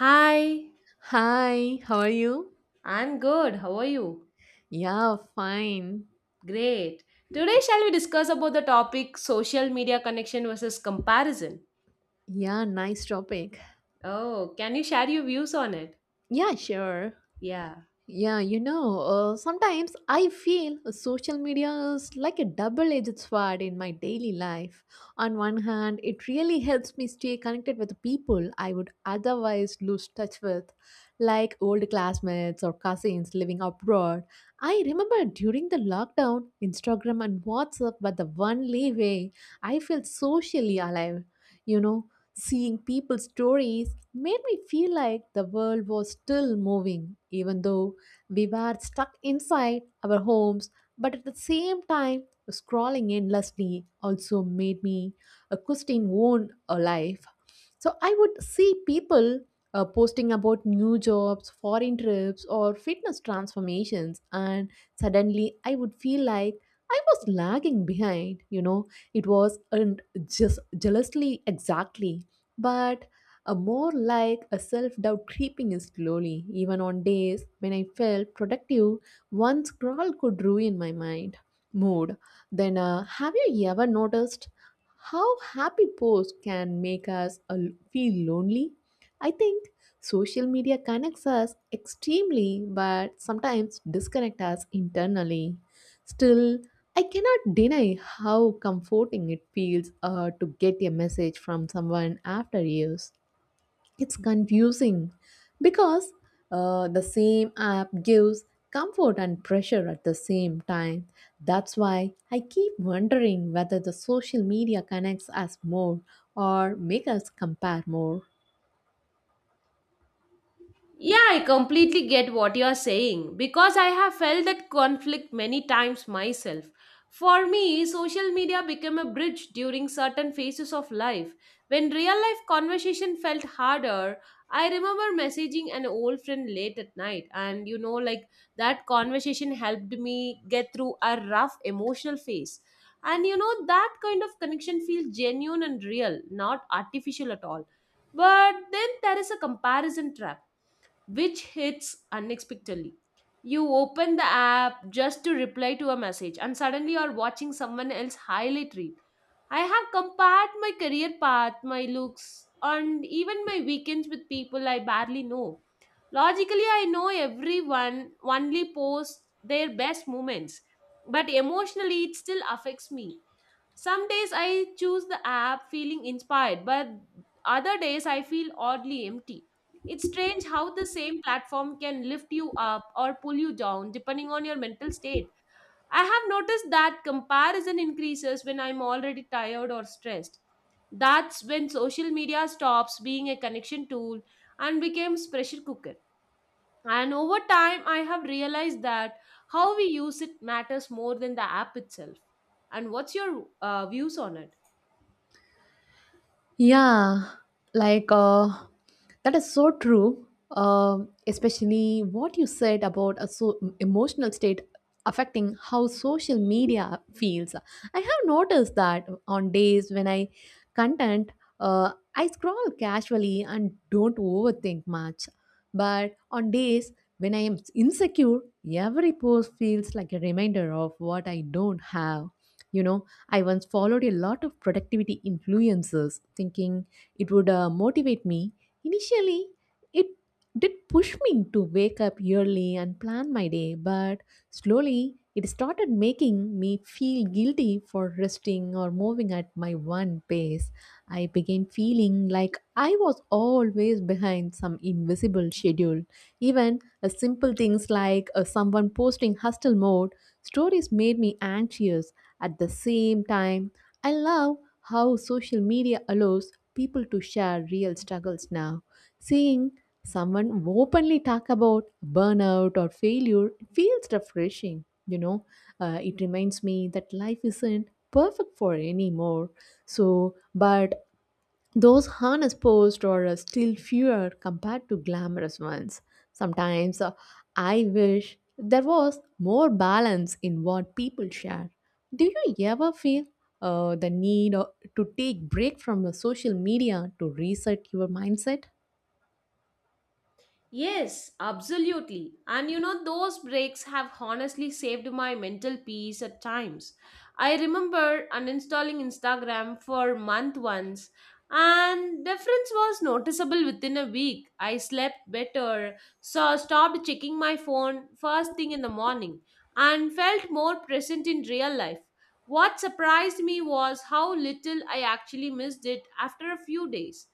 Hi, Hi, how are you? I'm good. How are you? Yeah, fine. Great. Today, shall we discuss about the topic social media connection versus comparison? Yeah, nice topic. Oh, can you share your views on it? Yeah, sure. Yeah. Yeah, sometimes I feel social media is like a double edged sword in my daily life. On one hand, it really helps me stay connected with people I would otherwise lose touch with, like old classmates or cousins living abroad. I remember during the lockdown, Instagram and WhatsApp were the only way I felt socially alive. You know, Seeing people's stories made me feel like the world was still moving, even though we were stuck inside our homes, but at the same time, scrolling endlessly also made me question own life. So I would see people posting about new jobs, foreign trips, or fitness transformations, and suddenly I would feel like I was lagging behind. It was and just jealously exactly, but a more like a self doubt creeping in slowly, even on days when I felt productive, one scroll could ruin my mind mood. Then, have you ever noticed how happy posts can make us feel lonely? I think social media connects us extremely, but sometimes disconnect us internally. Still, I cannot deny how comforting it feels to get a message from someone after years. It's confusing because the same app gives comfort and pressure at the same time. That's why I keep wondering whether the social media connects us more or makes us compare more. Yeah, I completely get what you're saying because I have felt that conflict many times myself. For me, social media became a bridge during certain phases of life. When real life conversation felt harder, I remember messaging an old friend late at night, and like that conversation helped me get through a rough emotional phase. And that kind of connection feels genuine and real, not artificial at all. But then there is a comparison trap which hits unexpectedly. You open the app just to reply to a message, and suddenly you're watching someone else highlight reel. I have compared my career path, my looks, and even my weekends with people I barely know. Logically, I know everyone only posts their best moments, but emotionally, it still affects me. Some days I choose the app feeling inspired, but other days I feel oddly empty. It's strange how the same platform can lift you up or pull you down depending on your mental state. I have noticed that comparison increases when I'm already tired or stressed. That's when social media stops being a connection tool and becomes pressure cooker. And over time, I have realized that how we use it matters more than the app itself. And what's your views on it? Yeah, like, that is so true. Especially what you said about a so emotional state affecting how social media feels. I have noticed that on days when I content, I scroll casually and don't overthink much. But on days when I am insecure, every post feels like a reminder of what I don't have. You know, I once followed a lot of productivity influencers thinking it would motivate me. Initially, it did push me to wake up early and plan my day, but slowly it started making me feel guilty for resting or moving at my one pace. I began feeling like I was always behind some invisible schedule. Even a simple things like someone posting hustle mode stories made me anxious at the same time, I love how social media allows people to share real struggles now. Seeing someone openly talk about burnout or failure feels refreshing. It reminds me that life isn't perfect for anymore. So, but those harness posed are still fewer compared to glamorous ones. Sometimes I wish there was more balance in what people share. Do you ever feel the need to take break from the social media to reset your mindset? Yes, absolutely. And those breaks have honestly saved my mental peace at times. I remember uninstalling Instagram for a month once, and difference was noticeable within a week. I slept better, so stopped checking my phone first thing in the morning, and felt more present in real life. What surprised me was how little I actually missed it after a few days.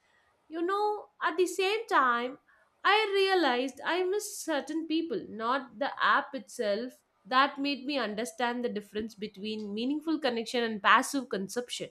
At the same time, I realized I missed certain people, not the app itself, that made me understand the difference between meaningful connection and passive consumption.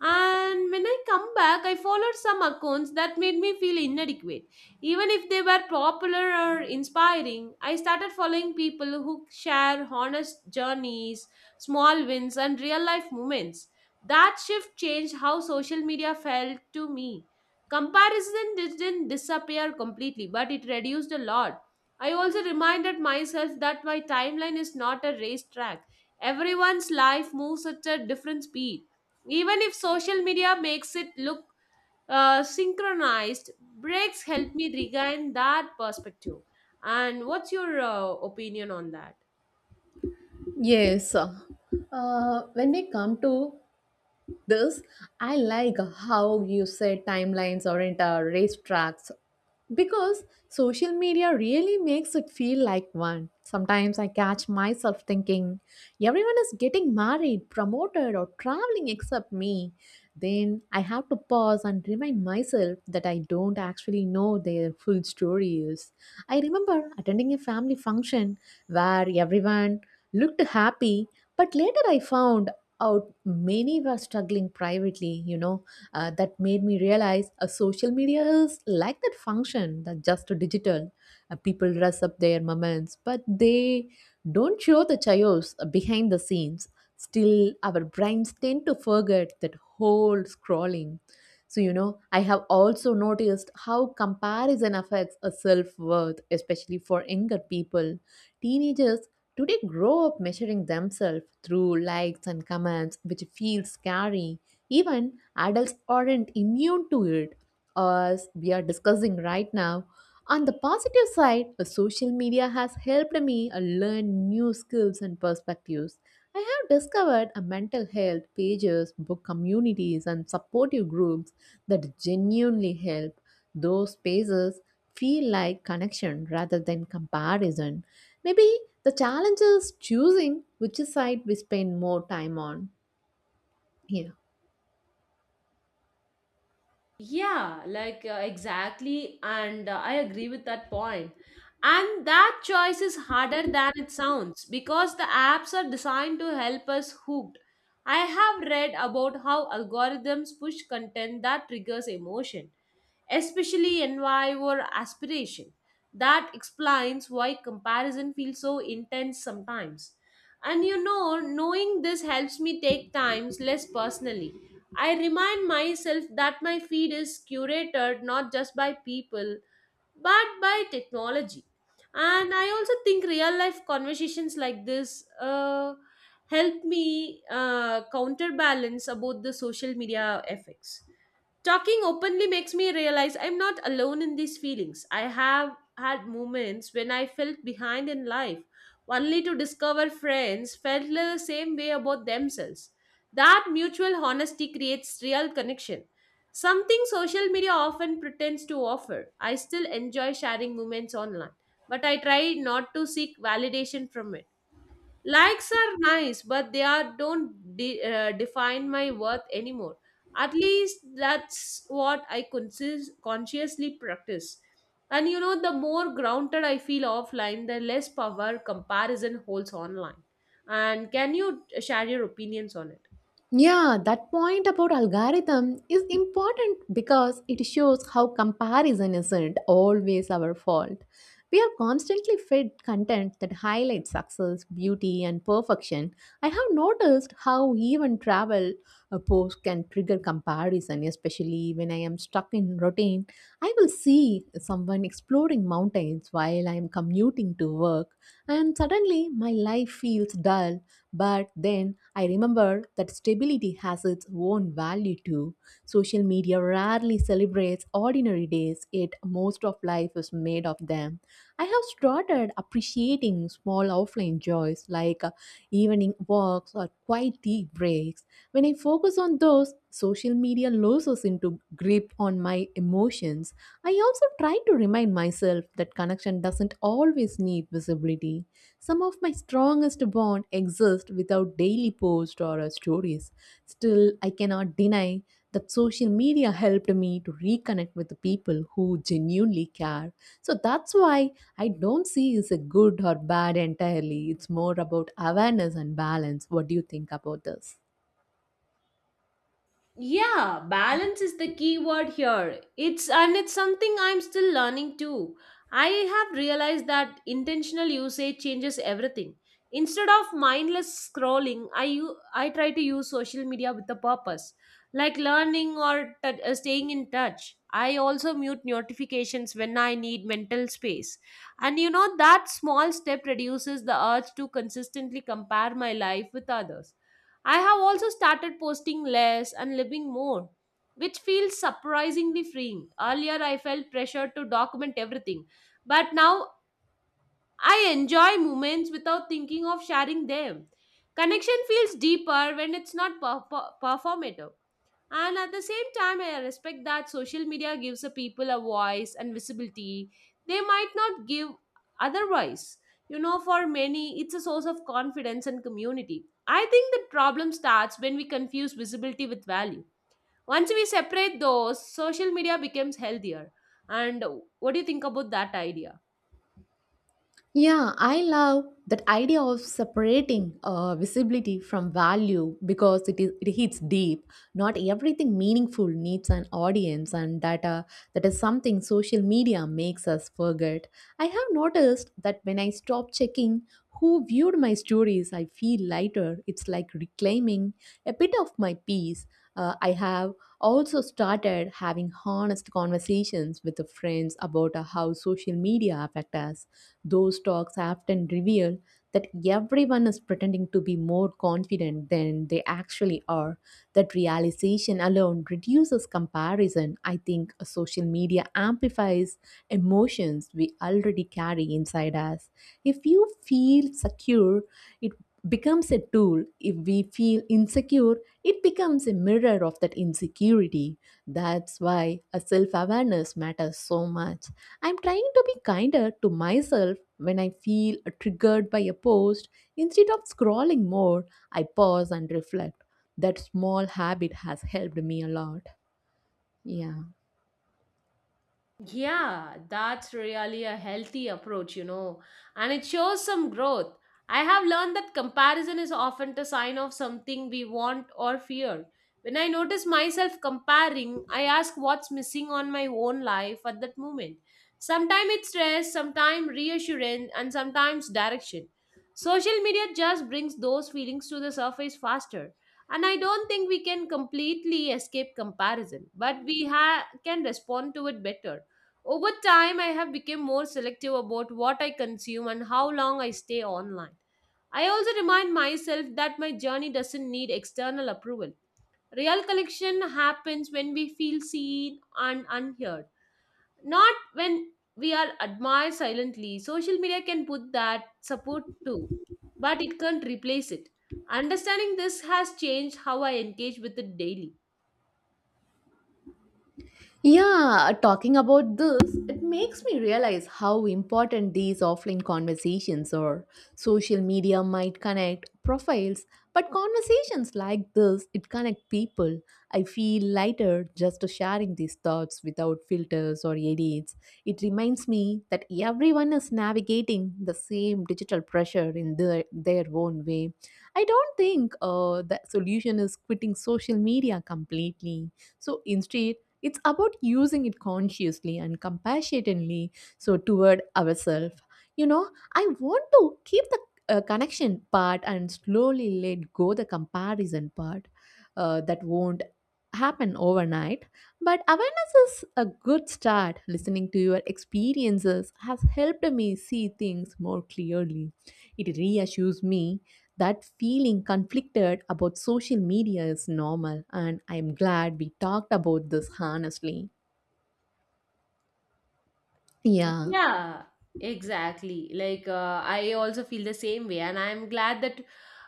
And when I come back, I followed some accounts that made me feel inadequate. Even if they were popular or inspiring, I started following people who share honest journeys, small wins, and real life moments. That shift changed how social media felt to me. Comparison didn't disappear completely, but it reduced a lot. I also reminded myself that my timeline is not a racetrack. Everyone's life moves at a different speed even if social media makes it look synchronized. Breaks help me regain that perspective. And what's your opinion on that? Yes. When we come to this, I like how you said timelines aren't racetracks because social media really makes it feel like one. Sometimes I catch myself thinking, everyone is getting married, promoted, or traveling except me. Then I have to pause and remind myself that I don't actually know their full stories. I remember attending a family function where everyone looked happy, but later I found out many were struggling privately. That made me realize social media is like that function that just digital. People dress up their moments but they don't show the chaos behind the scenes. Still, our brains tend to forget that whole scrolling. So, I have also noticed how comparison affects a self-worth, especially for younger people. Teenagers today grow up measuring themselves through likes and comments, which feels scary. Even adults aren't immune to it, as we are discussing right now. On the positive side, the social media has helped me learn new skills and perspectives. I have discovered a mental health pages, book communities, and supportive groups that genuinely help. Those spaces feel like connection rather than comparison. Maybe the challenge is choosing which side we spend more time on. Yeah. Yeah, like exactly, and I agree with that point. And that choice is harder than it sounds because the apps are designed to help us hooked. I have read about how algorithms push content that triggers emotion, especially envy or aspiration. That explains why comparison feels so intense sometimes. And knowing this helps me take times less personally. I remind myself that my feed is curated not just by people but by technology. And I also think real life conversations like this help me counterbalance about the social media effects. Talking openly makes me realize I'm not alone in these feelings. I have had moments when I felt behind in life, only to discover friends felt the same way about themselves. That mutual honesty creates real connection, something social media often pretends to offer. I still enjoy sharing moments online, but I try not to seek validation from it. Likes are nice, but they are don't de- define my worth anymore. At least that's what I consciously practice. And the more grounded I feel offline, the less power comparison holds online. And can you share your opinions on it? Yeah, that point about algorithm is important because it shows how comparison isn't always our fault. We are constantly fed content that highlights success, beauty, and perfection. I have noticed how even travel a post can trigger comparison, especially when I am stuck in routine. I will see someone exploring mountains while I am commuting to work, and suddenly my life feels dull, but then I remember that stability has its own value too. Social media rarely celebrates ordinary days, yet most of life is made of them. I have started appreciating small offline joys like evening walks or quiet tea breaks. When I focus on those, social media loses into grip on my emotions. I also try to remind myself that connection doesn't always need visibility. Some of my strongest bonds exist without daily posts or stories. Still, I cannot deny that social media helped me to reconnect with the people who genuinely care. So that's why I don't see it's a good or bad entirely. It's more about awareness and balance. What do you think about this? Yeah, balance is the key word here. It's something I'm still learning too. I have realized that intentional usage changes everything. Instead of mindless scrolling, I try to use social media with a purpose, like learning or staying in touch. I also mute notifications when I need mental space. And that small step reduces the urge to consistently compare my life with others. I have also started posting less and living more, which feels surprisingly freeing. Earlier, I felt pressure to document everything, but now I enjoy moments without thinking of sharing them. Connection feels deeper when it's not performative. And at the same time, I respect that social media gives the people a voice and visibility they might not give otherwise. For many, it's a source of confidence and community. I think the problem starts when we confuse visibility with value. Once we separate those, social media becomes healthier. And what do you think about that idea? Yeah, I love that idea of separating visibility from value because it hits deep. Not everything meaningful needs an audience, and that is something social media makes us forget. I have noticed that when I stop checking who viewed my stories, I feel lighter. It's like reclaiming a bit of my peace. I have also started having honest conversations with the friends about how social media affect us. Those talks often reveal that everyone is pretending to be more confident than they actually are. That realization alone reduces comparison. I think social media amplifies emotions we already carry inside us. If you feel secure, it becomes a tool. If we feel insecure, it becomes a mirror of that insecurity. That's why a self awareness matters so much. I'm trying to be kinder to myself when I feel triggered by a post. Instead of scrolling more, I pause and reflect. That small habit has helped me a lot. Yeah. Yeah, that's really a healthy approach, and it shows some growth. I have learned that comparison is often the sign of something we want or fear. When I notice myself comparing, I ask what's missing on my own life at that moment. Sometimes it's stress, sometimes reassurance, and sometimes direction. Social media just brings those feelings to the surface faster. And I don't think we can completely escape comparison, but we can respond to it better over time. I have become more selective about what I consume and how long I stay online. I also remind myself that my journey doesn't need external approval. Real connection happens when we feel seen and unheard, not when we are admired silently. Social media can put that support too, but it can't replace it. Understanding this has changed how I engage with it daily. Yeah, talking about this, it makes me realize how important these offline conversations are. Social media might connect profiles, but conversations like this, it connect people. I feel lighter just sharing these thoughts without filters or edits. It reminds me that everyone is navigating the same digital pressure in their own way. I don't think the solution is quitting social media completely. So instead, it's about using it consciously and compassionately, so toward ourselves. I want to keep the connection part and slowly let go the comparison part. That won't happen overnight, but awareness is a good start. Listening to your experiences has helped me see things more clearly. It reassures me that feeling conflicted about social media is normal, and I'm glad we talked about this honestly. Yeah. Yeah, exactly. Like, I also feel the same way, and I'm glad that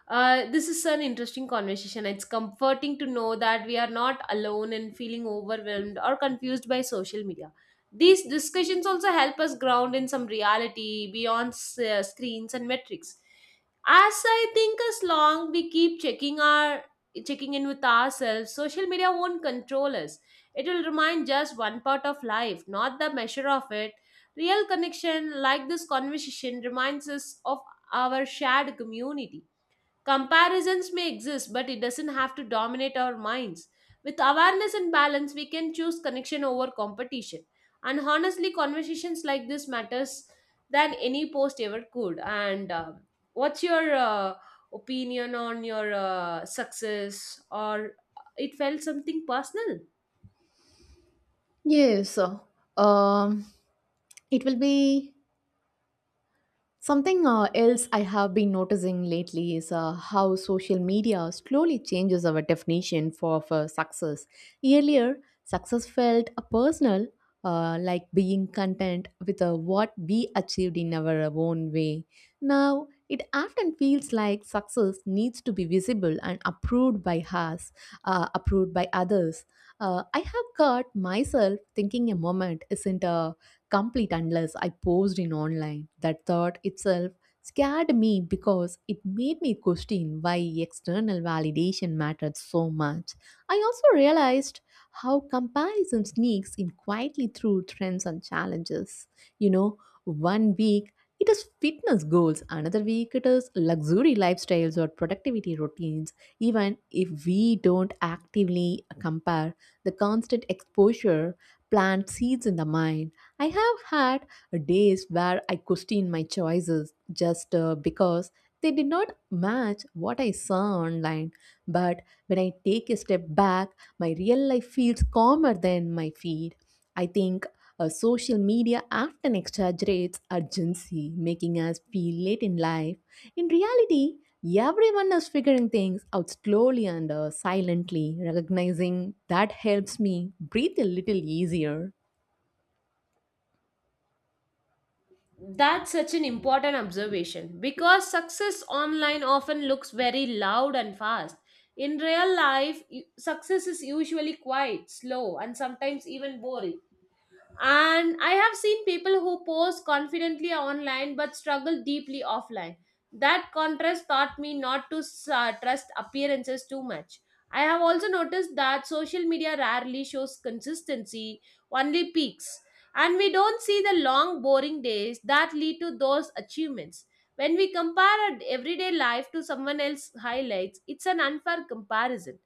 this is an interesting conversation. It's comforting to know that we are not alone in feeling overwhelmed or confused by social media. These discussions also help us ground in some reality beyond screens and metrics. As I think, as long we keep checking our checking in with ourselves, social media won't control us. It will remind just one part of life, not the measure of it. Real connection, like this conversation, reminds us of our shared community. Comparisons may exist, but it doesn't have to dominate our minds. With awareness and balance, we can choose connection over competition. And honestly, conversations like this matters than any post ever could. And what's your opinion on your success, or it felt something personal? Yes. Um, it will be something else I have been noticing lately is how social media slowly changes our definition for success. Earlier, success felt personal, like being content with what we achieved in our own way. Now, it often feels like success needs to be visible and approved by us, approved by others. I have caught myself thinking a moment isn't a complete unless I posed in online. That thought itself scared me because it made me question why external validation mattered so much. I also realized how comparison sneaks in quietly through trends and challenges. You know, one week it is fitness goals, another week it is luxury lifestyles or productivity routines. Even if we don't actively compare, the constant exposure plants seeds in the mind. I have had days where I question my choices just because they did not match what I saw online. But when I take a step back, my real life feels calmer than my feed. I think social media often exaggerates urgency, making us feel late in life. In reality, everyone is figuring things out slowly and silently. Recognizing that helps me breathe a little easier. That's such an important observation because success online often looks very loud and fast. In real life, success is usually quiet, slow, and sometimes even boring. And I have seen people who pose confidently online but struggle deeply offline. That contrast taught me not to trust appearances too much. I have also noticed that social media rarely shows consistency, only peaks. And we don't see the long, boring days that lead to those achievements. When we compare our everyday life to someone else's highlights, it's an unfair comparison.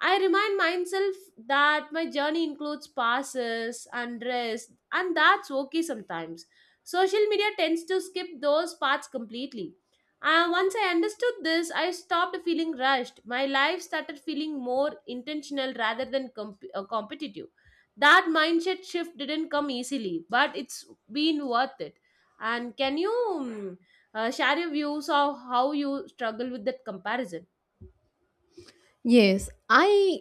I remind myself that my journey includes passes and rest, and that's okay sometimes. Social media tends to skip those parts completely. Once I understood this, I stopped feeling rushed. My life started feeling more intentional rather than competitive. That mindset shift didn't come easily, but it's been worth it. And can you share your views of how you struggle with that comparison? Yes, I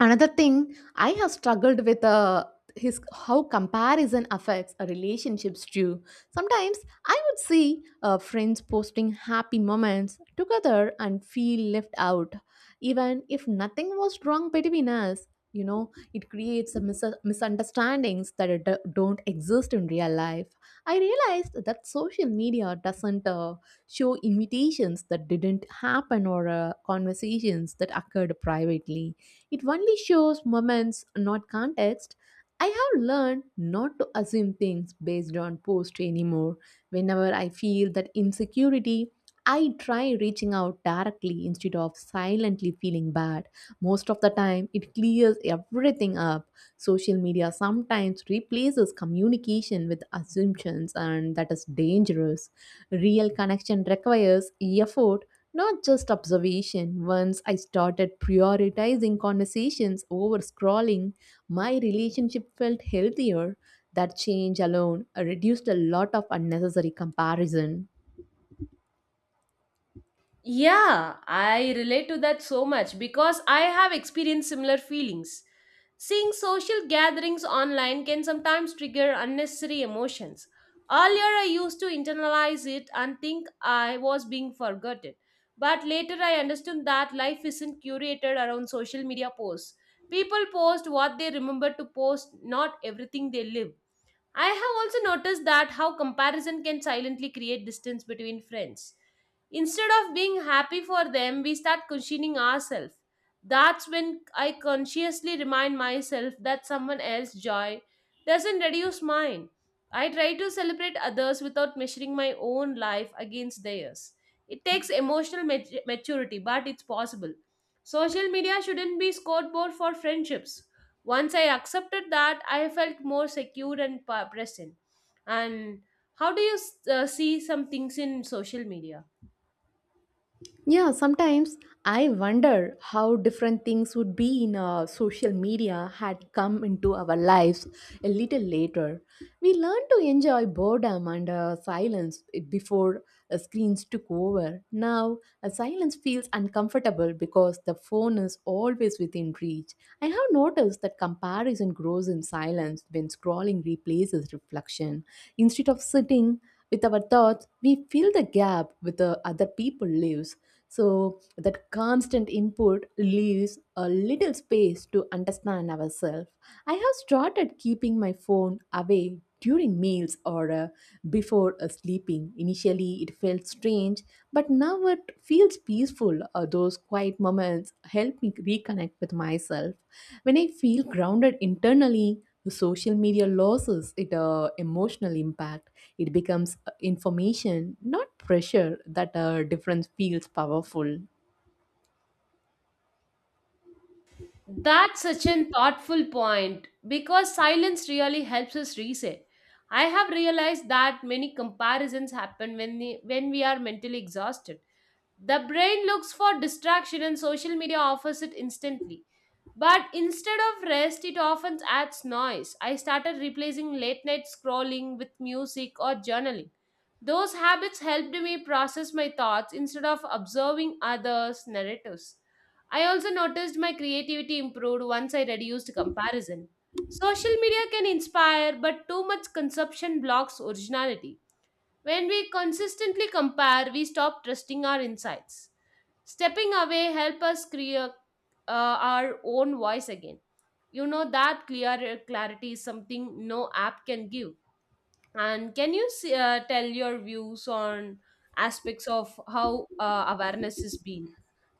another thing I have struggled with his how comparison affects a relationships too. Sometimes I would see friends posting happy moments together and feel left out, even if nothing was wrong between us. It creates a misunderstandings that don't exist in real life. I realized that social media doesn't show invitations that didn't happen or conversations that occurred privately. It only shows moments, not context. I have learned not to assume things based on post anymore. Whenever I feel that insecurity, I try reaching out directly instead of silently feeling bad. Most of the time, it clears everything up. Social media sometimes replaces communication with assumptions, and that is dangerous. Real connection requires effort, not just observation. Once I started prioritizing conversations over scrolling, my relationship felt healthier. That change alone reduced a lot of unnecessary comparison. Yeah, I relate to that so much because I have experienced similar feelings. Seeing social gatherings online can sometimes trigger unnecessary emotions. Earlier, I used to internalize it and think I was being forgotten. But later, I understood that life isn't curated around social media posts. People post what they remember to post, not everything they live. I have also noticed that how comparison can silently create distance between friends. Instead of being happy for them, we start questioning ourselves. That's when I consciously remind myself that someone else's joy doesn't reduce mine. I try to celebrate others without measuring my own life against theirs. It takes emotional maturity, but it's possible. Social media shouldn't be scoreboard for friendships. Once I accepted that, I felt more secure and present. And how do you see some things in social media? Yeah, sometimes I wonder how different things would be in social media had come into our lives a little later. We learned to enjoy boredom and silence before screens took over. Now, silence feels uncomfortable because the phone is always within reach. I have noticed that comparison grows in silence when scrolling replaces reflection. Instead of sitting with our thoughts, we fill the gap with the other people lives so that constant input leaves a little space to understand ourselves. I have started keeping my phone away during meals or before sleeping. Initially, it felt strange, but now it feels peaceful. Those quiet moments help me reconnect with myself. When I feel grounded internally, social media loses It emotional impact, it becomes information, not pressure. That difference feels powerful. That's such a thoughtful point because silence really helps us reset. I have realized that many comparisons happen when when we are mentally exhausted. The brain looks for distraction and social media offers it instantly. But instead of rest, it often adds noise. I started replacing late night scrolling with music or journaling. Those habits helped me process my thoughts instead of observing others' narratives. I also noticed my creativity improved once I reduced comparison. Social media can inspire, but too much consumption blocks originality. When we consistently compare, we stop trusting our insights. Stepping away help us create our own voice again. You know that clear clarity is something no app can give. And can you see, tell your views on aspects of how awareness has been?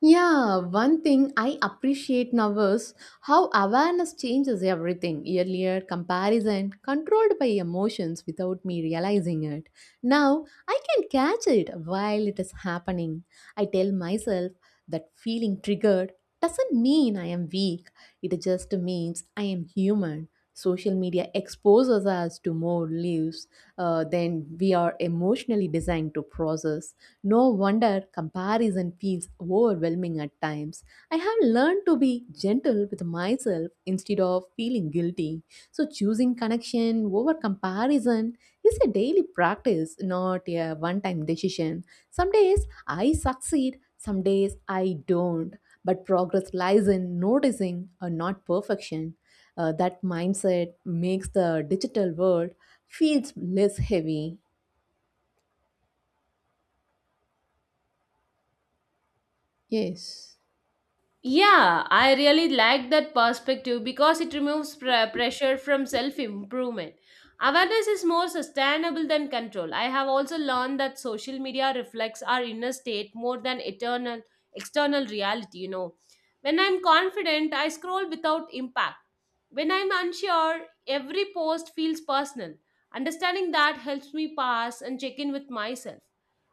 Yeah, one thing I appreciate now is how awareness changes everything. Earlier, comparison controlled by emotions without me realizing it. Now, I can catch it while it is happening. I tell myself that feeling triggered doesn't mean I am weak, it just means I am human. Social media exposes us to more lives than we are emotionally designed to process. No wonder comparison feels overwhelming at times. I have learned to be gentle with myself instead of feeling guilty. So, choosing connection over comparison is a daily practice, not a one time decision. Some days I succeed, some days I don't. But progress lies in noticing or not perfection. That mindset makes the digital world feels less heavy. Yes. Yeah, I really like that perspective because it removes pressure from self improvement. Awareness is more sustainable than control. I have also learned that social media reflects our inner state more than eternal external reality, you know. When I'm confident, I scroll without impact. When I'm unsure, every post feels personal. Understanding that helps me pass and check in with myself.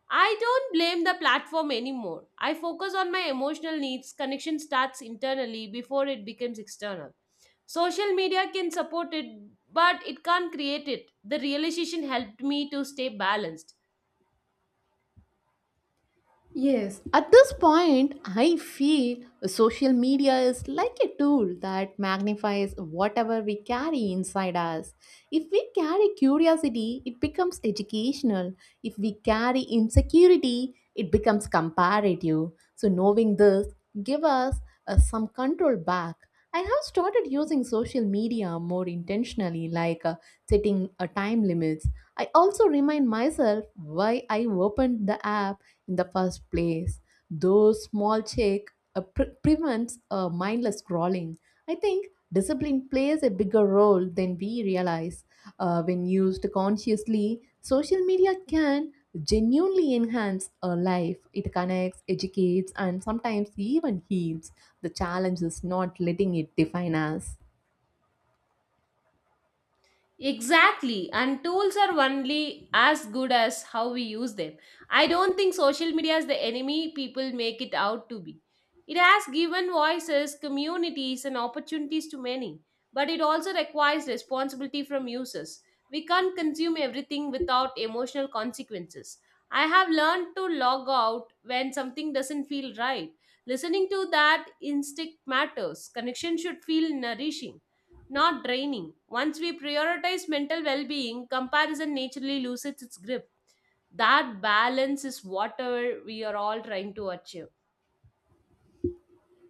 I don't blame the platform anymore. I focus on my emotional needs. Connection starts internally before it becomes external. Social media can support it, but it can't create it. The realization helped me to stay balanced. Yes, at this point, I feel social media is like a tool that magnifies whatever we carry inside us. If we carry curiosity, it becomes educational. If we carry insecurity, it becomes comparative. So, knowing this, give us some control back. I have started using social media more intentionally, like setting a time limits. I also remind myself why I opened the app in the first place. Those small check prevents mindless scrolling. I think discipline plays a bigger role than we realize. When used consciously, social media can genuinely enhance a life. It connects, educates, and sometimes even heals. The challenge is not letting it define us. Exactly, and tools are only as good as how we use them. I don't think social media is the enemy people make it out to be. It has given voices, communities, and opportunities to many, but it also requires responsibility from users. We can't consume everything without emotional consequences. I have learned to log out when something doesn't feel right. Listening to that instinct matters. Connection should feel nourishing, not draining. Once we prioritize mental well being, comparison naturally loses its grip. That balance is what we are all trying to achieve.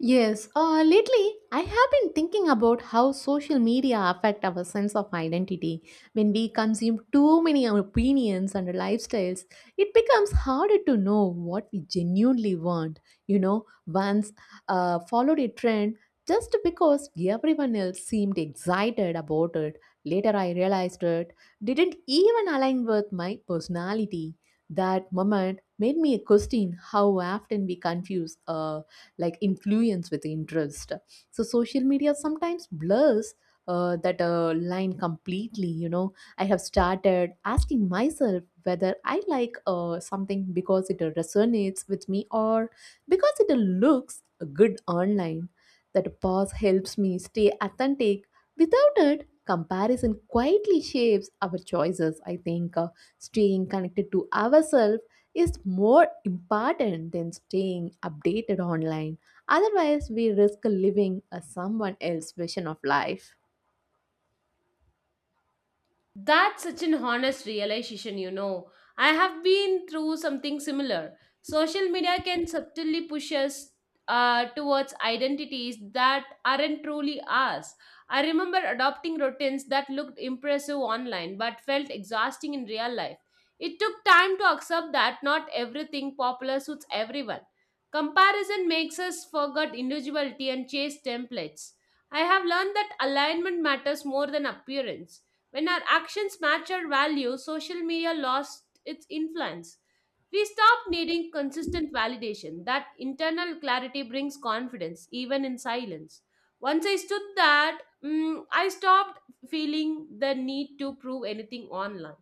Yes, Lately I have been thinking about how social media affect our sense of identity. When we consume too many opinions and lifestyles, it becomes harder to know what we genuinely want. You know, once followed a trend just because everyone else seemed excited about it. Later I realized it didn't even align with my personality. That moment made me question how often we confuse like influence with interest. So social media sometimes blurs that line completely. You know, I have started asking myself whether I like something because it resonates with me or because it looks good online. That pause helps me stay authentic. Without it, comparison quietly shapes our choices. I think staying connected to ourselves is more important than staying updated online. Otherwise, we risk living a someone else's vision of life. That's such an honest realization, you know. I have been through something similar. Social media can subtly push us towards identities that aren't truly ours. I remember adopting routines that looked impressive online but felt exhausting in real life. It took time to accept that not everything popular suits everyone. Comparison makes us forget individuality and chase templates. I have learned that alignment matters more than appearance. When our actions match our values, social media lost its influence. We stopped needing consistent validation. That internal clarity brings confidence, even in silence. Once I stood that, I stopped feeling the need to prove anything online.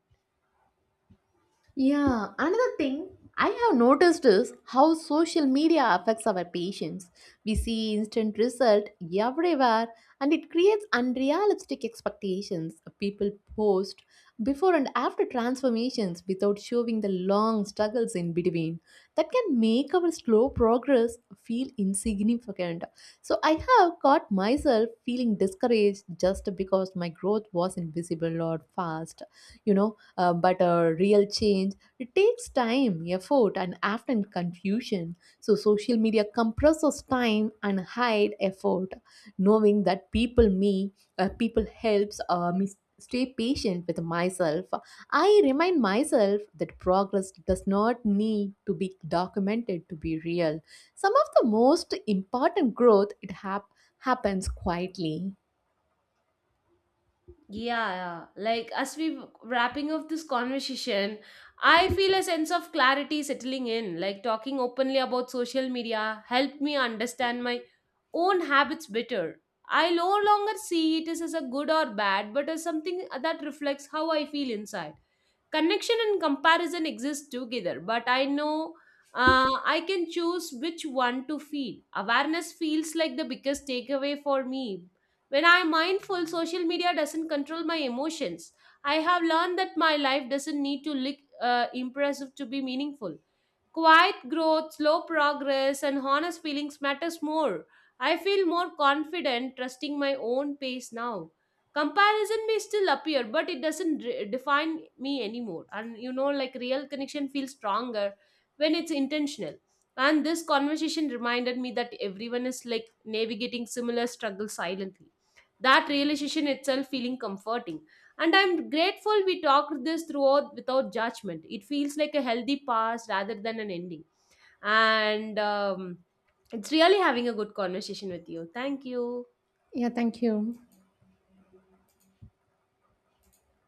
Yeah, another thing I have noticed is how social media affects our patients. We see instant result everywhere, and it creates unrealistic expectations. People post before and after transformations without showing the long struggles in between. That can make our slow progress feel insignificant. So I have caught myself feeling discouraged just because my growth was not visible or fast, you know. But a real change, it takes time, effort, and often confusion. So social media compresses time and hide effort. Knowing that people helps me stay patient with myself. I remind myself that progress does not need to be documented to be real. Some of the most important growth, it happens quietly. Yeah, yeah. Like as we wrapping up this conversation, I feel a sense of clarity settling in. Like talking openly about social media helped me understand my own habits better. I no longer see it as a good or bad, but as something that reflects how I feel inside. Connection and comparison exist together, but I know, uh, I can choose which one to feel. Awareness feels like the biggest takeaway for me. When I'm mindful, social media doesn't control my emotions. I have learned that my life doesn't need to look impressive to be meaningful. Quiet growth, slow progress, and honest feelings matters more. I feel more confident trusting my own pace now. Comparison may still appear, but it doesn't define me anymore. And you know, like real connection feels stronger when it's intentional. And this conversation reminded me that everyone is like navigating similar struggles silently. That realization itself feeling comforting, and I'm grateful we talked this throughout without judgment. It feels like a healthy past rather than an ending. And it's really having a good conversation with you. Thank you. Yeah, thank you.